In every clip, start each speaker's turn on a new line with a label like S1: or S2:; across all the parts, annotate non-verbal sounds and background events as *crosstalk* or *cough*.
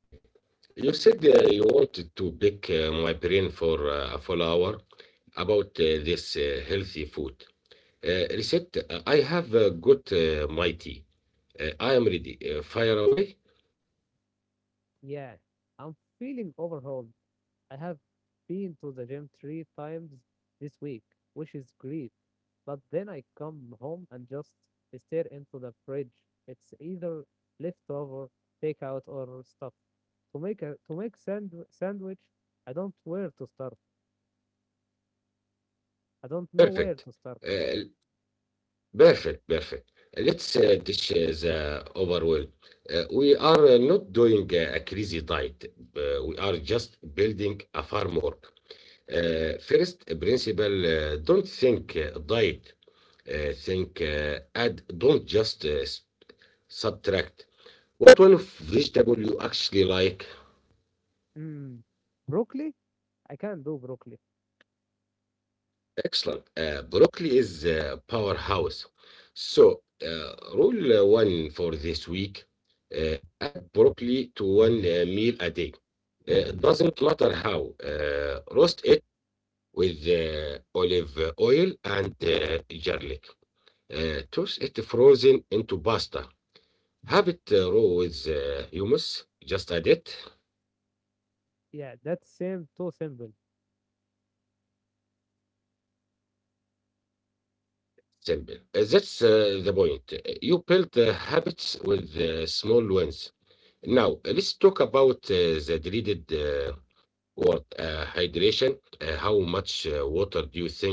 S1: Okay. You said you wanted to pick my brain for a full hour about this healthy food. Reset, I have got my tea. I am ready. Fire away.
S2: Yeah, I'm feeling overhauled. I have been to the gym three times this week, which is great. But then I come home and just stare into the fridge. It's either leftover, takeout, or stuff. To make a to make sand sandwich, I don't where to start. I don't know where
S1: Perfect.
S2: to start.
S1: Uh, perfect. Perfect. Let's dish the overwhelm. We are not doing a crazy diet. We are just building a framework. First principle, don't think diet. Think, add, don't just subtract. What one of vegetable you actually like?
S2: Mm, broccoli? I can't do broccoli.
S1: Excellent. Broccoli is a powerhouse. So, rule one for this week, add broccoli to one meal a day. It doesn't matter how. Roast it with olive oil and garlic. Toast it frozen into pasta. Have it raw with hummus. Just add it.
S2: Yeah, that seems too simple.
S1: Simple. That's the point. You build habits with small wins. Now, let's talk about the dreaded word hydration. How much water do you think you drink?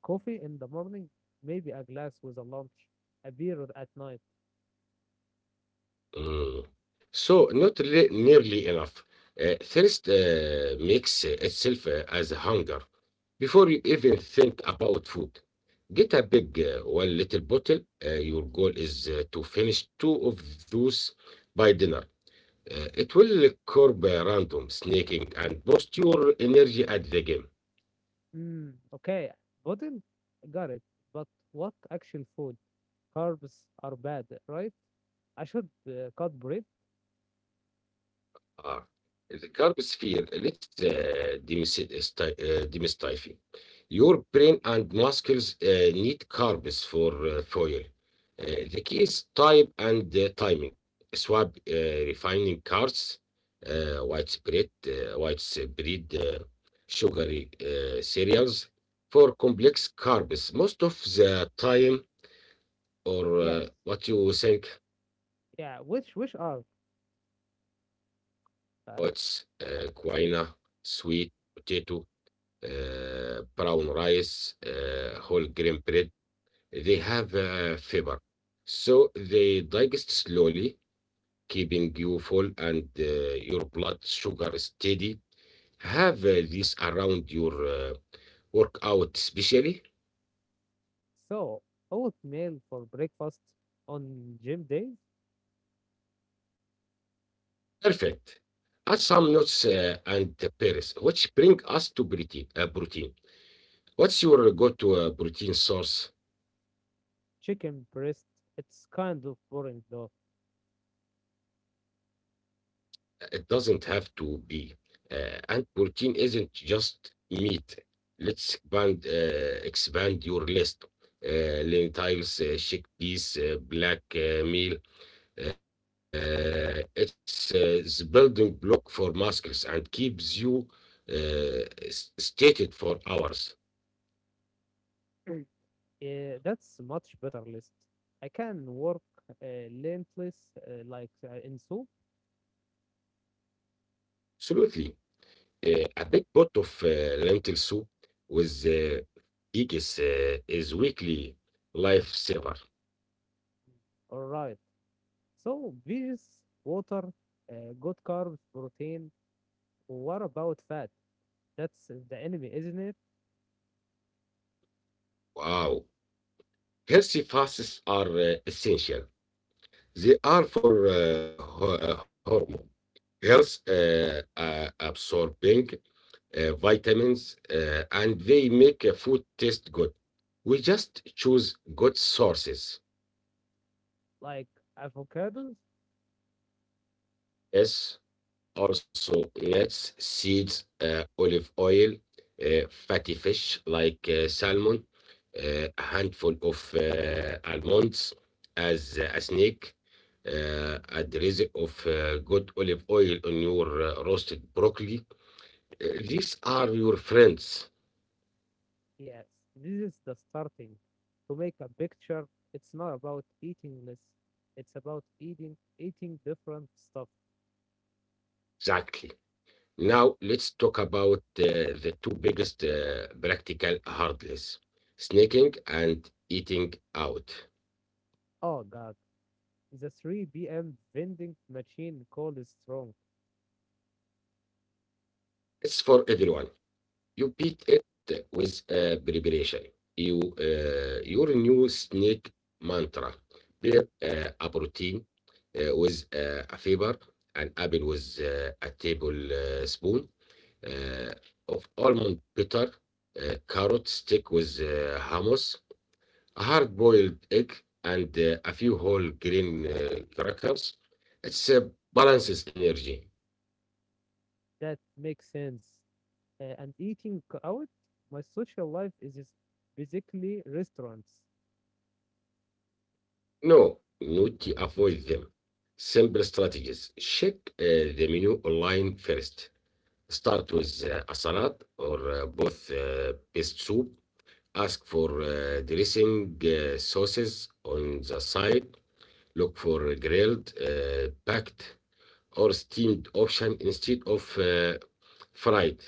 S2: Coffee in the morning, maybe a glass with a lunch, a beer at night.
S1: Mm. So, not re- nearly enough. Thirst makes itself as hunger. Before you even think about food, get a big one little bottle. Your goal is to finish two of those by dinner. It will curb random snaking and boost your energy at the game.
S2: Mm, okay, pudding, got it. But what actual food? Carbs are bad, right? I should cut bread.
S1: Uh, the curb sphere lets demystify. Your brain and muscles need carbs for fuel. Uh, the key is type and timing. Swap refining carbs, widespread sugary cereals for complex carbs. Most of the time, or
S2: Yes.
S1: what you think
S2: Yeah. Which are like,
S1: what's quinoa, sweet potato, brown rice, whole grain bread. They have fiber, so they digest slowly, keeping you full and your blood sugar steady. Have these around your workout, especially.
S2: so oatmeal for breakfast on gym days.
S1: Perfect. Add some nuts and berries, which bring us to protein. What's your go-to protein source?
S2: Chicken breast. It's kind of boring though.
S1: It doesn't have to be. And protein isn't just meat. Let's expand your list. Lentils, chickpeas, black meal. It's the building block for muscles and keeps you uh, stated for hours.
S2: That's much better list. I can work lentils like in soup.
S1: Absolutely. A big pot of lentil soup with eggs is weekly lifesaver.
S2: All right. So veggies, water, good carbs, protein, what about fat? That's the enemy, isn't it?
S1: Wow. Healthy fasts are essential. They are for hormone health, absorbing vitamins, and they make food taste good. We just choose good sources.
S2: Like avocados?
S1: Yes, also let's seeds, olive oil, fatty fish like salmon, a handful of almonds as a snack, a drizzle of good olive oil on your roasted broccoli. These are your friends.
S2: Yes, this is the starting. To make a picture, it's not about eating less. It's about eating different stuff.
S1: Exactly. Now let's talk about the two biggest practical hurdles, snacking and eating out.
S2: Oh god, the 3 p.m. vending machine call is strong.
S1: It's for everyone. You beat it with preparation. Your new snake mantra. Pair a protein with a fiber, an apple with a tablespoon uh, of almond butter, carrot stick with hummus, a hard-boiled egg, and a few whole grain crackers. It's balances energy.
S2: That makes sense. And eating out? My social life is basically restaurants.
S1: No, not to avoid them. Simple strategies. Check uh, the menu online first. Start with a salad or both best soup. Ask for dressing sauces on the side. Look for grilled, packed, or steamed option instead of fried.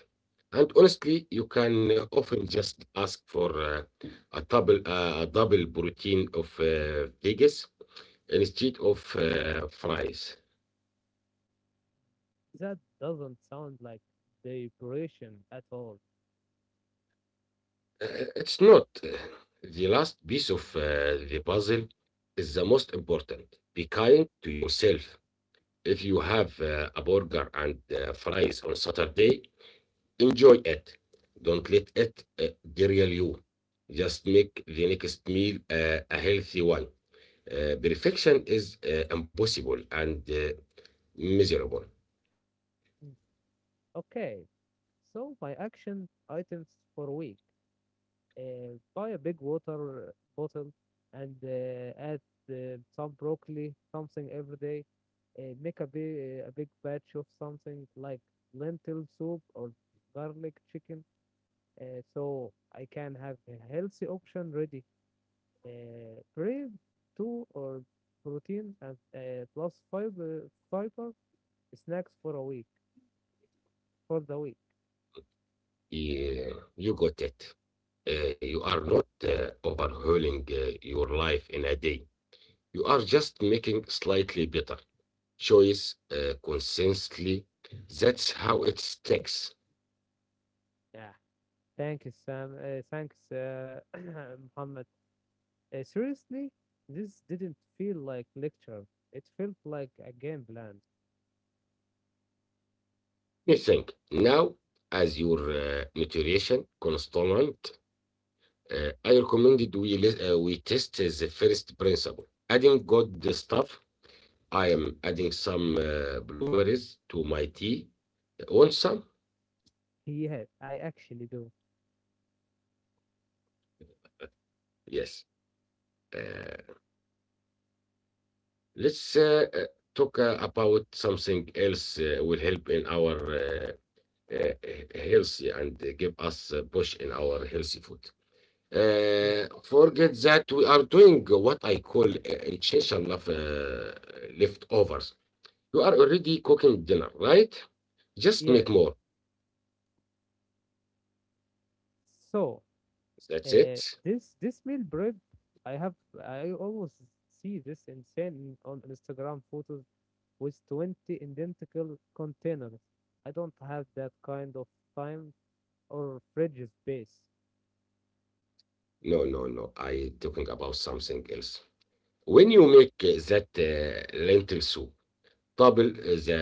S1: And honestly, you can often just ask for a double protein of veggies instead of fries.
S2: That doesn't sound like deliberation at all.
S1: It's not. The last piece of the puzzle is the most important. Be kind to yourself. If you have a burger and fries on Saturday, enjoy it. Don't let it uh, derail you. Just make the next meal a healthy one. Perfection is impossible and miserable.
S2: Okay, so my action items for a week. Buy a big water bottle and add some broccoli, something every day. Make a big batch of something like lentil soup or garlic chicken, so I can have a healthy option ready. Brave two or protein and plus fiber snacks for the week.
S1: Yeah, you got it. You are not overhauling your life in a day. You are just making slightly better choice consistently. That's how it sticks.
S2: Yeah. Thank you, Sam. Thanks, *clears throat* Muhammad. Seriously, this didn't feel like lecture. It felt like a game plan.
S1: You think now, as your nutrition consultant, I recommended we test the first principle. Adding good stuff. I am adding some blueberries to my tea. Want some?
S2: Yeah, I actually do.
S1: Yes. Uh, Let's talk about something else will help in our healthy and give us a push in our healthy food.
S2: Yeah,
S1: Forget that we are doing what I call intentional of, leftovers. You are already cooking dinner, right? Just
S2: yeah.
S1: make more.
S2: So,
S1: That's it.
S2: this meal prep, I have. I always see this insane on Instagram photos with 20 identical containers. I don't have that kind of time or fridge space.
S1: No, no, no. I talking about something else. When you make that lentil soup, double the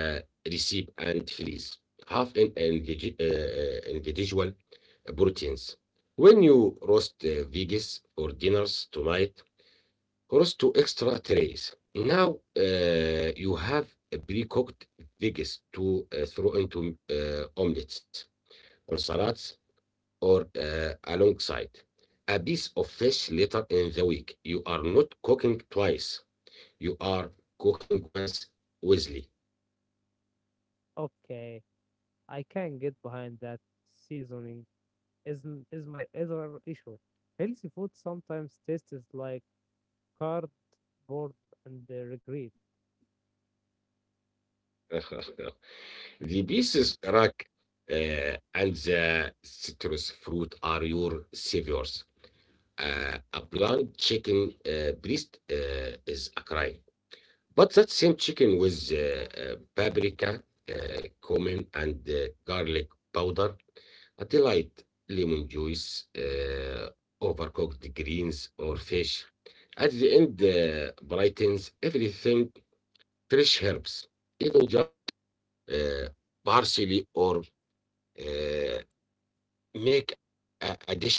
S1: recipe and freeze half an individual proteins. When you roast veggies for dinners tonight, roast two extra trays. Now you have a pre-cooked veggies to throw into omelets or salads or alongside a piece of fish later in the week. You are not cooking twice. You are cooking once wisely.
S2: Okay, I can get behind that. Seasoning is is my other issue. Healthy food sometimes tastes like cardboard and regret.
S1: *laughs* The pieces rack and the citrus fruit are your saviors. A blunt chicken breast is a crime. But that same chicken with paprika, uh, cumin, and garlic powder, a delight lemon juice, overcooked greens, or fish. At the end, brightens everything fresh herbs, even just uh, parsley or uh, make a dish feel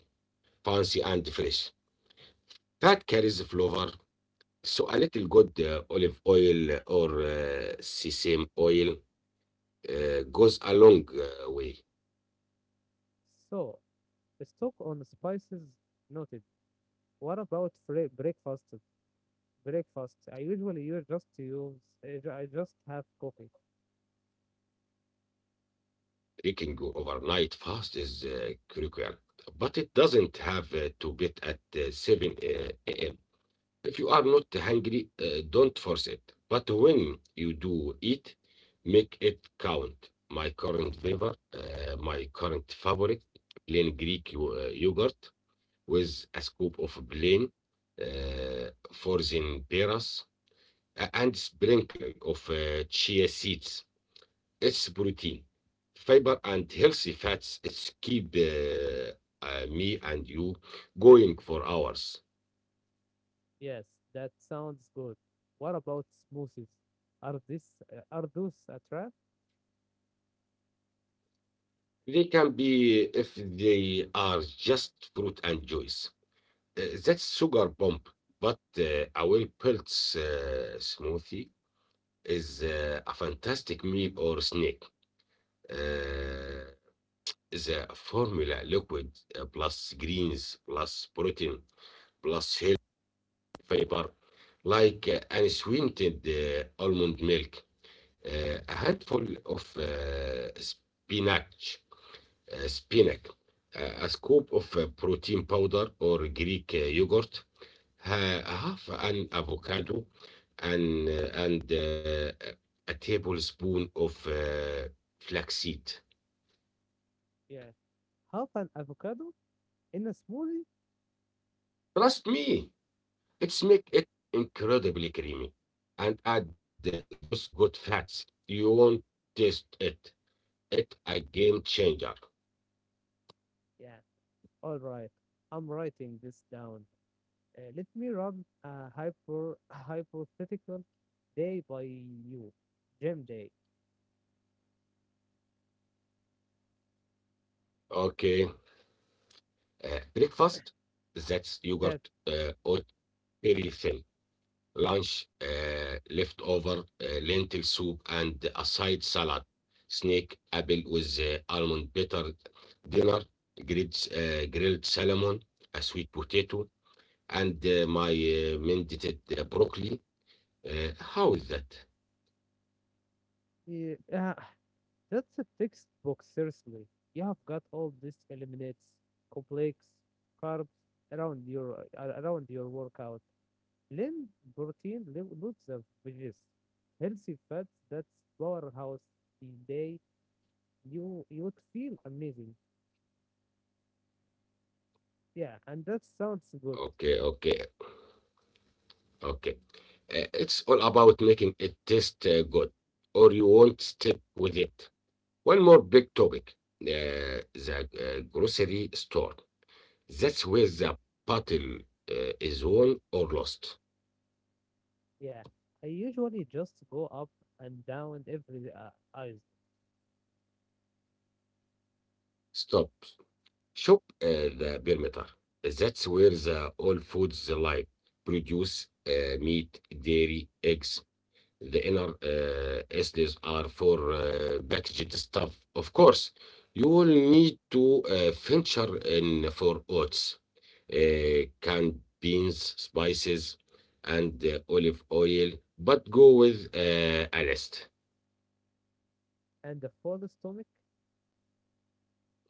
S1: fancy and fresh. That carries flavor. So a little good olive oil or sesame oil goes a long way.
S2: So stock on spices noted. What about breakfast? Breakfast. I usually use just use. I just have coffee.
S1: Baking overnight fast is critical, but it doesn't have to be at 7 a.m. If you are not hungry, don't force it. But when you do eat, make it count. My current favorite, plain Greek yogurt with a scoop of plain frozen peras and sprinkling of chia seeds. It's protein, fiber, and healthy fats. It's keep me and you going for hours.
S2: Yes, that sounds good. What about smoothies? Are those a trap?
S1: They can be if they are just fruit and juice. That's sugar bomb, but a well built smoothie is a fantastic meal or snack. Uh, the formula liquid plus greens plus protein plus healthy fiber, like unsweetened almond milk, a handful of spinach, a scoop of protein powder or Greek yogurt, half an avocado, and a tablespoon of flaxseed.
S2: Yeah. Half an avocado in a smoothie?
S1: Trust me, it's make it incredibly creamy. And add those good fats. You won't taste it. It's a game changer.
S2: Yeah. All right. I'm writing this down. Let me run a *laughs* hypothetical day by you, gym day.
S1: Okay. Uh, Breakfast, that's
S2: That
S1: yogurt or very thin. Lunch, leftover lentil soup, and a side salad. Snake apple with almond butter dinner, grilled salmon, a sweet potato, and my mended broccoli. How is that?
S2: uh, *sighs* that's a textbook. Seriously, you have got all these eliminates complex carbs around your workout. Lean protein, loads of veggies, healthy fats. That's powerhouse day. You'd feel amazing. Yeah, and that sounds good.
S1: Okay, okay, okay. It's all about making it taste good, or you won't stick with it. One more big topic, the grocery store. That's where the battle is won or lost.
S2: Yeah, I usually just go up and down every ice
S1: Stop. Shop the perimeter. That's where the all foods lie. Produce meat, dairy, eggs. The inner aisles are for packaged stuff. Of course, you will need to venture in for oats, canned beans, spices, and olive oil, but go with a list.
S2: and a full stomach.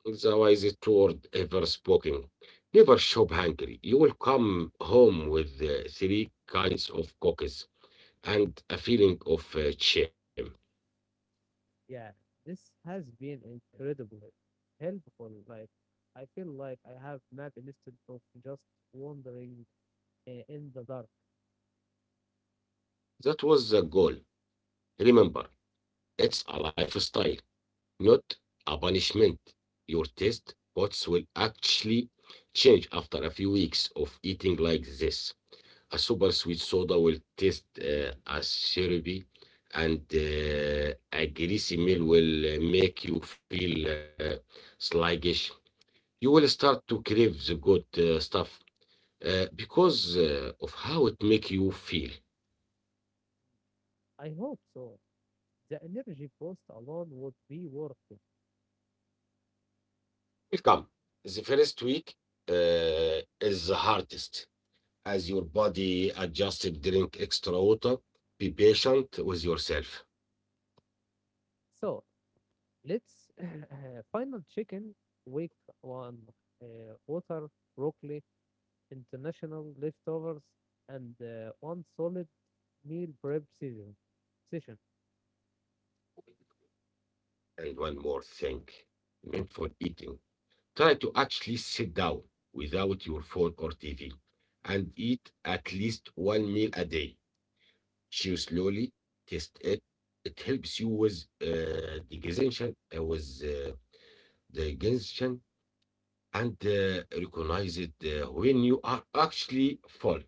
S1: The wisest word ever spoken. Never shop hungry. You will come home with three kinds of cookies and a feeling of shame.
S2: Yeah, this has been incredibly helpful. Like, I feel like I have map instead of just wandering in the dark.
S1: That was the goal. Remember, it's a lifestyle, not a punishment. Your taste buds will actually change after a few weeks of eating like this. A super sweet soda will taste as syrupy, and a greasy meal will make you feel sluggish. You will start to crave the good stuff because of how it make you feel.
S2: I hope so. The energy boost alone would be worth it.
S1: Welcome. The first week is the hardest. As your body adjusted, drink extra water, be patient with yourself.
S2: So let's *coughs* *laughs* final chicken week one. Water, broccoli, international leftovers, and one solid meal prep session.
S1: And one more thing, mindful eating. Try to actually sit down without your phone or TV and eat at least one meal a day. Chew slowly, taste it. It helps you with digestion, and recognize it when you are actually full.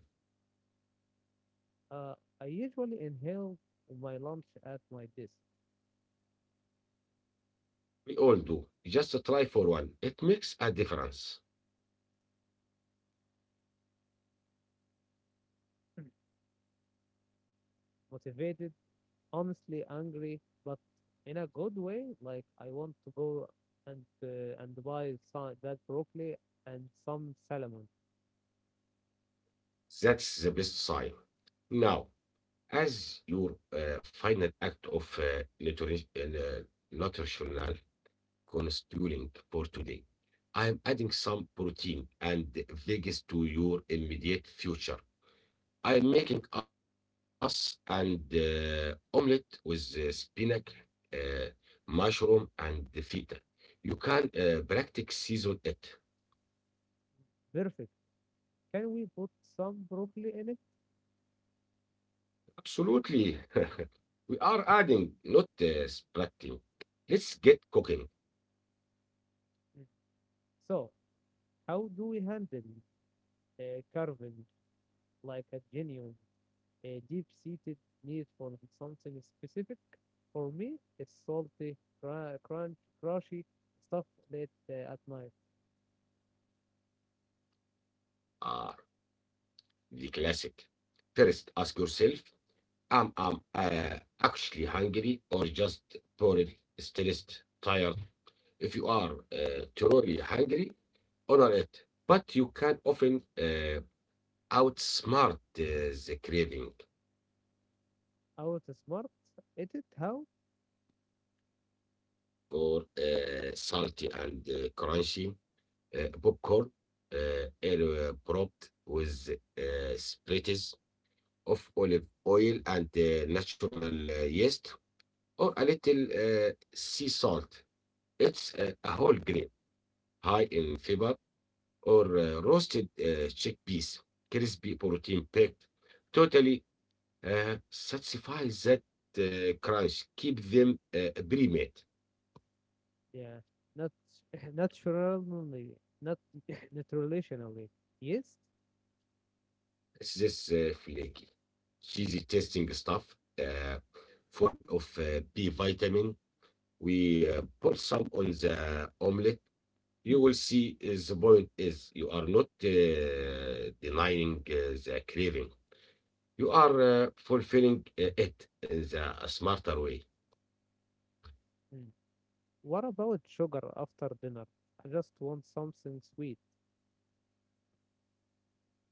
S2: Uh, I usually inhale my lunch at my desk,
S1: We all do. Just try for one. It makes a difference.
S2: motivated, honestly angry, but in a good way. Like I want to go and buy some, that broccoli and some salmon.
S1: That's the best sign. Now, as your final act of nutritional constituent for today. I am adding some protein and veggies to your immediate future. I am making us and omelette with spinach, uh, mushroom, and the feta. You can practice season it.
S2: Perfect. Can we put some broccoli in it?
S1: Absolutely. *laughs* We are adding, not splitting. Let's get cooking.
S2: Mm. So how do we handle carving like a genuine a deep-seated need for something specific. For me, it's salty, crunch, crunchy stuff late at night.
S1: Ah, the classic. First, ask yourself I'm actually hungry or just bored, stressed, tired. If you are truly hungry, honor it. But you can often outsmart the craving
S2: How to smart edit? How?
S1: for salty and crunchy popcorn, air propped with sprites of olive oil and natural yeast, or a little sea salt. It's a whole grain, high in fiber, or roasted chickpeas, crispy protein packed, totally satisfies that crunch. Keep them pre-made.
S2: Yeah, not *laughs* naturally, not *laughs* nutritionally. Yes.
S1: It's this flaky, cheesy tasting stuff, uh, full of B vitamin. We put some on the omelette. You will
S2: Mm.
S1: see is the point is you are not denying the craving. You are fulfilling it in the smarter way.
S2: Mm. What about sugar after dinner? I just want something sweet.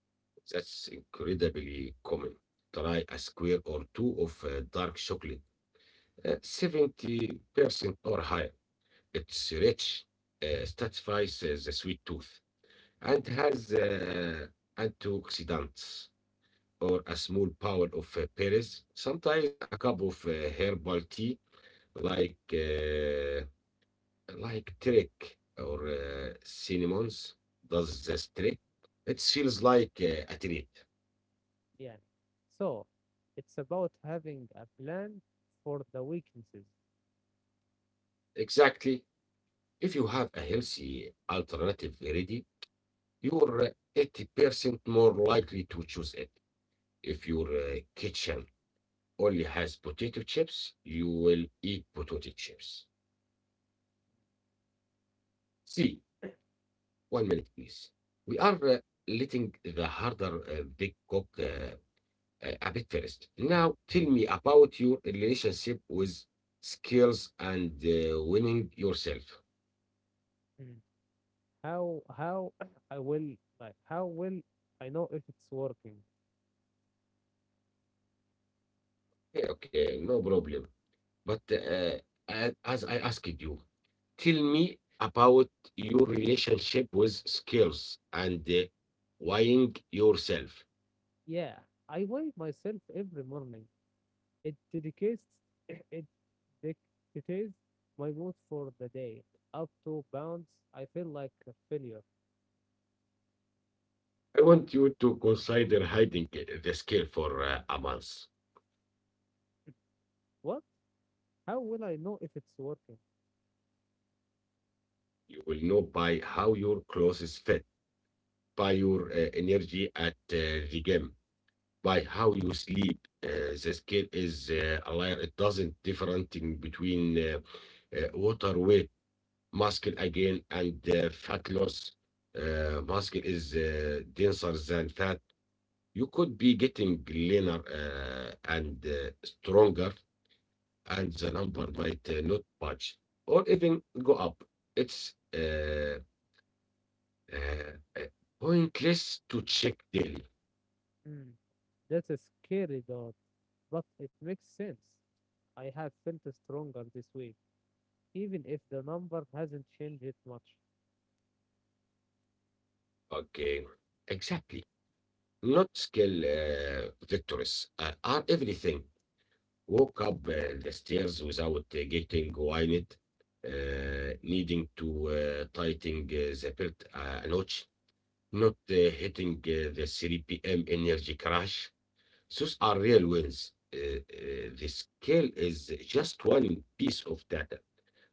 S1: That's incredibly common. Try a square or two of dark chocolate, 70% or higher. It's rich, satisfies the sweet tooth, and has antioxidants or a small power of berries. Sometimes a cup of herbal tea, like uh, like trick or cinnamons does this trick. It feels like a treat.
S2: Yeah. So, it's about having a plan for the weaknesses.
S1: Exactly. If you have a healthy alternative ready, you're 80% more likely to choose it. If your kitchen only has potato chips, you will eat potato chips. See, 1 minute, please. We are letting the harder big cook a bit first. Now, tell me about your relationship with skills and winning yourself.
S2: Mm. How *clears throat* I will like How will I know if it's working?
S1: Okay, okay, no problem. But as I asked you, tell me about your relationship with skills and weighing yourself.
S2: Yeah, I weigh myself every morning. It dedicates *clears throat* It dictates my mood for the day. Up 2 pounds, I feel like a failure.
S1: I want you to consider hiding the skill for a month.
S2: What? How will I know if it's working?
S1: You will know by how your clothes fit, by your energy at the gym, by how you sleep. The scale is aligned. It doesn't differentiating between water weight muscle again and fat loss. Muscle is denser than fat. You could be getting leaner and stronger, and the number might not budge or even go up. It's uh, uh, pointless to check daily.
S2: Hmm, that's a scary thought, but it makes sense. I have felt stronger this week, even if the number hasn't changed much.
S1: Okay, exactly. Not skill victors are everything. Walk up the stairs without getting winded, needing to tighten the belt a notch, not hitting the 3 p.m. energy crash. Those are real wins. The scale is just one piece of data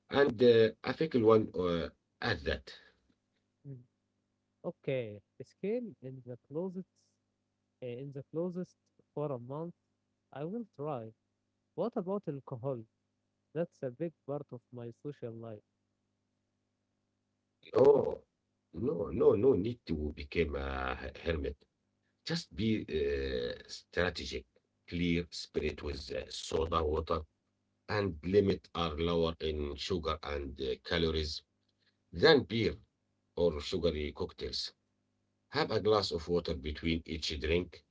S1: and a fickle one at that.
S2: Mm. Okay, a scale in the closest for a month. I will try. What about alcohol? That's a big part of my social life.
S1: Oh, no, no, no need to become a hermit. Just be strategic, clear spirit with soda water, and limit are lower in sugar and calories than beer or sugary cocktails. Have a glass of water between each drink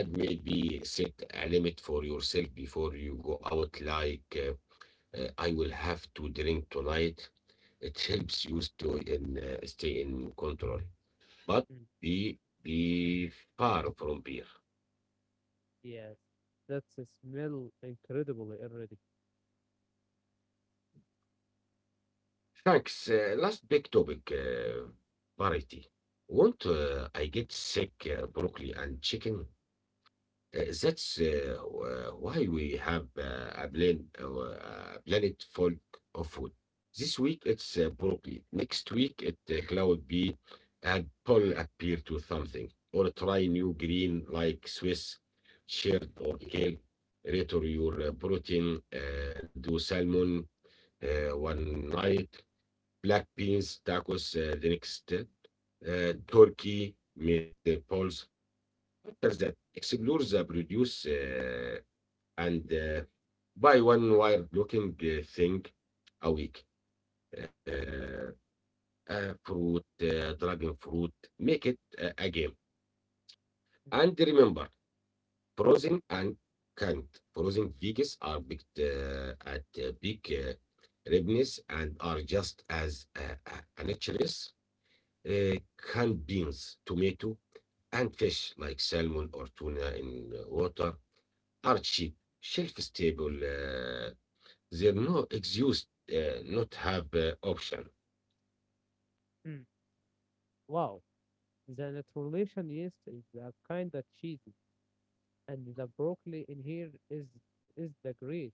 S1: and maybe set a limit for yourself before you go out, like I will have to drink tonight. It helps you stay in control. But
S2: Mm.
S1: be, be far from beer.
S2: Yes, that's a smell incredibly already.
S1: Thanks. Last big topic, variety. Won't I get sick broccoli and chicken? That's why we have a planet full of food. This week it's broccoli. Next week it cloud bee and pull appear to something. Or try new green like Swiss chard or kale. Return your protein. Do salmon one night, black beans, tacos the next, turkey, meatballs. What does that? Explore the produce and buy one wild looking thing a week. Uh, Fruit, dragon fruit, make it a game. And remember, frozen and canned. Frozen veggies are picked at big ripeness and are just as nutritious. uh, Canned beans, tomato, and fish like salmon or tuna in water are cheap, shelf stable. There are no excuse not have option.
S2: Mm. Wow, the naturalization yeast is a kind of cheesy, and the broccoli in here is the great.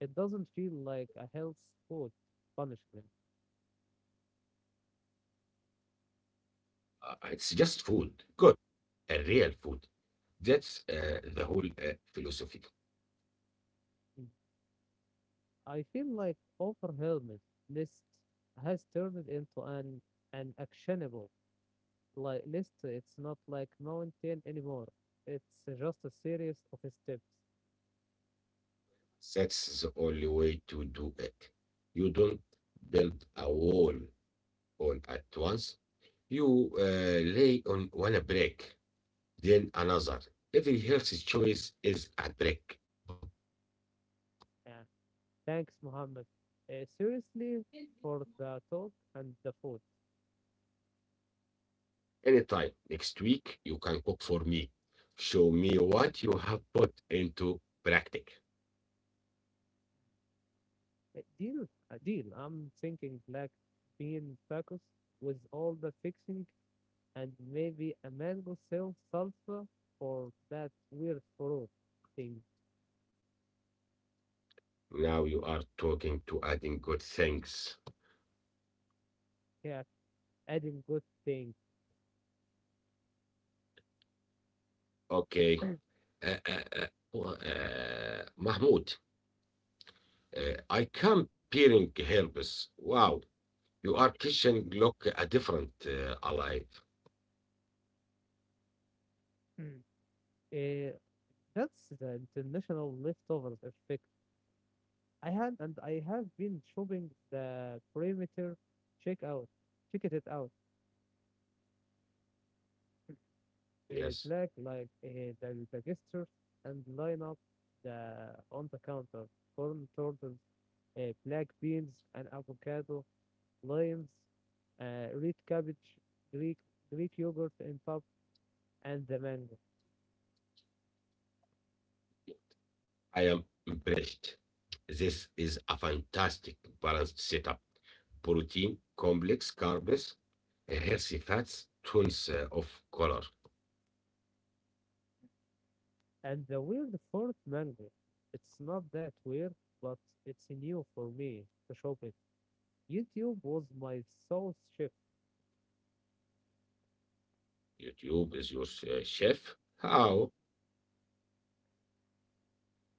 S2: It doesn't feel like a health food punishment.
S1: It's just food, good, a real food. That's the whole philosophy.
S2: Mm. I feel like overwhelmed list has turned into an actionable like list. It's not like mountain anymore. It's just a series of steps.
S1: That's the only way to do it. You don't build a wall all at once. You lay on one brick, then another. Every healthy choice is a brick.
S2: Yeah. Thanks, Muhammad. Seriously, for the talk and the food.
S1: Anytime next week, you can cook for me. Show me what you have put into practice.
S2: Deal, a deal. I'm thinking black bean tacos with all the fixing and maybe a mango salsa for that weird fruit thing.
S1: Now you are talking to adding good things.
S2: Yeah, adding good thing.
S1: Okay. Uh, uh, uh, well, Mahmoud. I can peering herbs. Wow, you are kitchen look a different alive.
S2: Mm. Uh, that's the international leftovers effect. I had and I have been shopping the perimeter. Check out, Check it out.
S1: Yes,
S2: Black like the gestures and line up the on the counter. Corn turtles, black beans and avocado, limes, red cabbage, Greek Greek yogurt and top, and the mango.
S1: I am impressed. This is a fantastic balanced setup. Protein, complex carbs, healthy fats, tons of color.
S2: And the weird fourth mango. It's not that weird, but it's new for me to shop it. YouTube was my soul shift.
S1: YouTube is your chef. How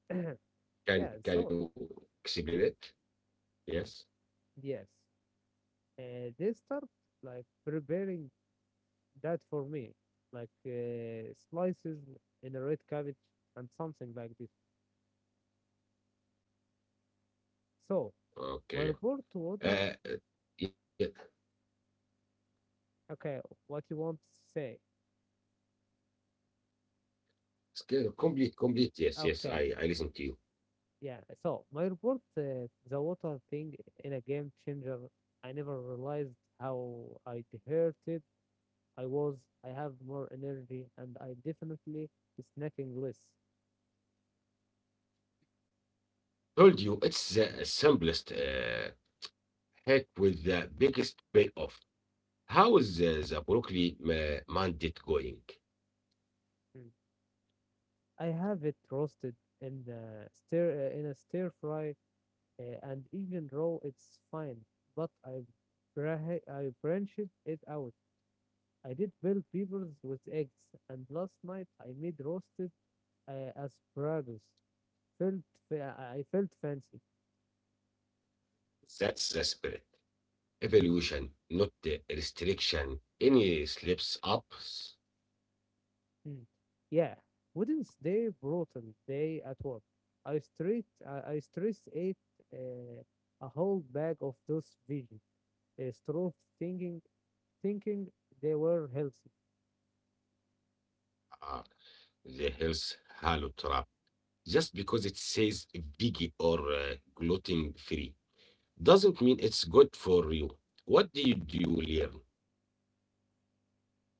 S2: *clears throat* Yeah,
S1: can
S2: so
S1: can you explain it? Yes.
S2: yes, they start like preparing that for me, like slices in a red cabbage and something like this. So
S1: Okay.
S2: my report to
S1: Uh, uh,
S2: water.
S1: yeah.
S2: Okay, what you want to say?
S1: Still complete. Complete. Yes. Yes. I listen
S2: Okay,
S1: to you.
S2: yeah. So my report, the water thing in a game changer. I never realized how I hurted. I was. I have more energy, and I definitely snacking less.
S1: Told you it's the simplest hack with the biggest payoff. How is the broccoli mandate going?
S2: Mm. I have it roasted in a stir fry and even raw. It's fine, but I branched it out. I did bell peppers with eggs, and last night I made roasted asparagus. Felt I felt fancy.
S1: That's the spirit. Evolution, not the restriction. Any slips ups.
S2: Mm. Yeah, wouldn't they brutal day at work. I stress ate uh, a whole bag of those veggies. Strove thinking thinking they were healthy.
S1: Ah, the health halo trap. Just because it says veggie or gluten free doesn't mean it's good for you. What do, you learn?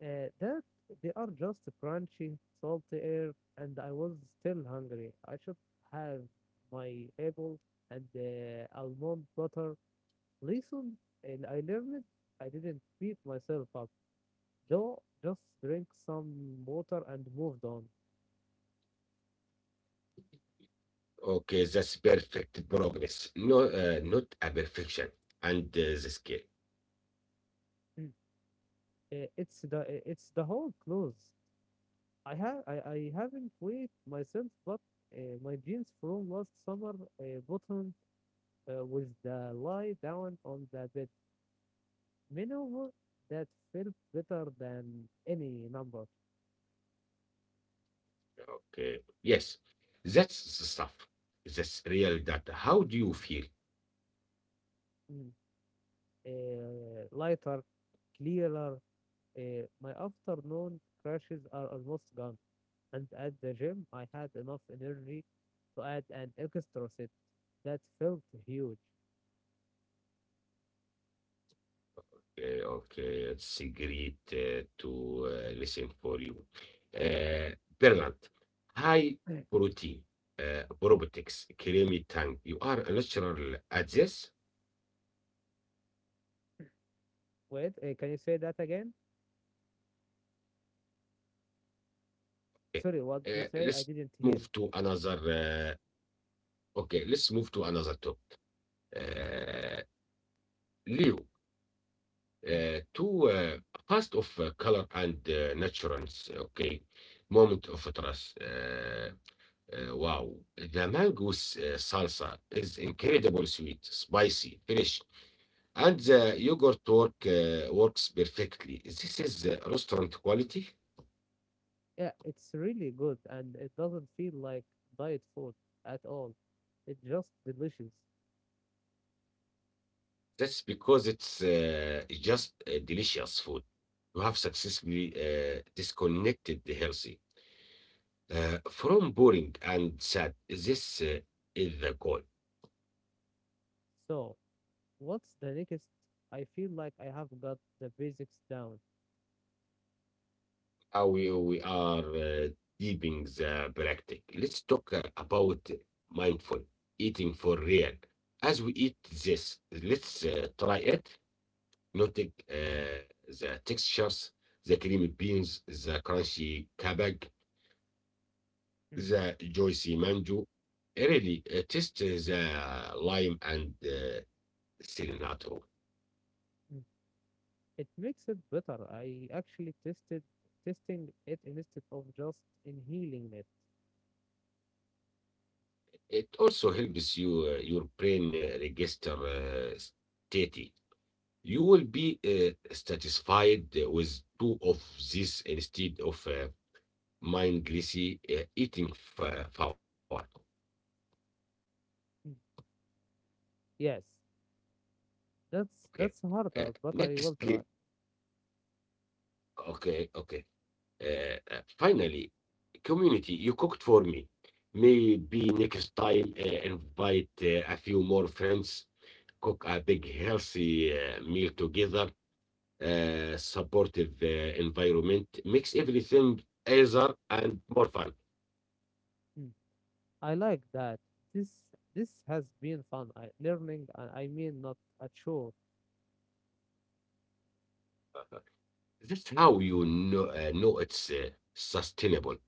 S2: That they are just crunchy, salty air, and I was still hungry. I should have my apple and almond butter. Listen, and I learned I didn't beat myself up, though. Just drink some water and moved on.
S1: Okay, that's perfect progress. No, not a perfection. And the scale.
S2: Mm. It's the whole clothes. I haven't weighed myself, but my jeans from last summer bottom with the lie down on the bed. Maneuver that felt better than any number.
S1: Okay, yes, that's the stuff. That's real data. How do you feel?
S2: Mm. Lighter, clearer. My afternoon crashes are almost gone, and at the gym I had enough energy to add an extra set. That felt huge.
S1: Okay, okay, it's cigarette to listen for you. Uh, Bernard, high
S2: *coughs*
S1: protein, probiotics, creamy tank. You are a natural at this.
S2: Wait, can you say that again?
S1: Okay.
S2: Sorry,
S1: Let's
S2: what did you say? I
S1: move to
S2: didn't hear.
S1: another. Okay, let's move to another topic. Uh, Leo,
S2: Mm.
S1: to first of color and naturals. Okay, moment of trust. Wow, the mango salsa is incredibly sweet, spicy, fresh, and the yogurt works perfectly. This is restaurant quality.
S2: Yeah, it's really good and it doesn't feel like diet food at all. It's just delicious.
S1: That's because it's just delicious food. You have successfully disconnected the healthy from boring and sad. This is the goal.
S2: So, what's the next? I feel like I have got the basics down.
S1: How we are deeping the practice. Let's talk about mindful eating for real. As we eat this, let's try it. Noting the textures, the creamy beans, the crunchy kabag,
S2: Mm,
S1: the juicy mango. Really, taste the lime and cilantro.
S2: mm. It makes it better. I actually tested testing it instead of just inhaling it.
S1: It also helps you your brain register state you will be satisfied with two of these instead of mindlessly eating forward.
S2: Mm. Yes, that's
S1: Okay.
S2: that's harder, but I
S1: Next,
S2: will
S1: clip.
S2: try.
S1: Okay, okay. Finally, community, you cooked for me. Maybe next time, invite a few more friends, cook a big healthy meal together, supportive environment, makes everything easier and more fun.
S2: Mm. I like that. This this has been fun. I learning. I mean, not a chore
S1: That's how you know it's sustainable.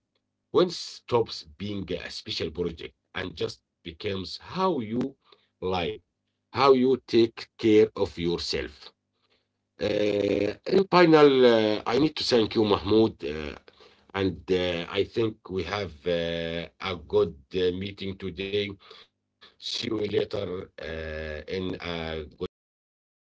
S1: When stops being a special project and just becomes how you live, how you take care of yourself. In final, I need to thank you, Mahmoud, and I think we have a good meeting today. See you later in a good something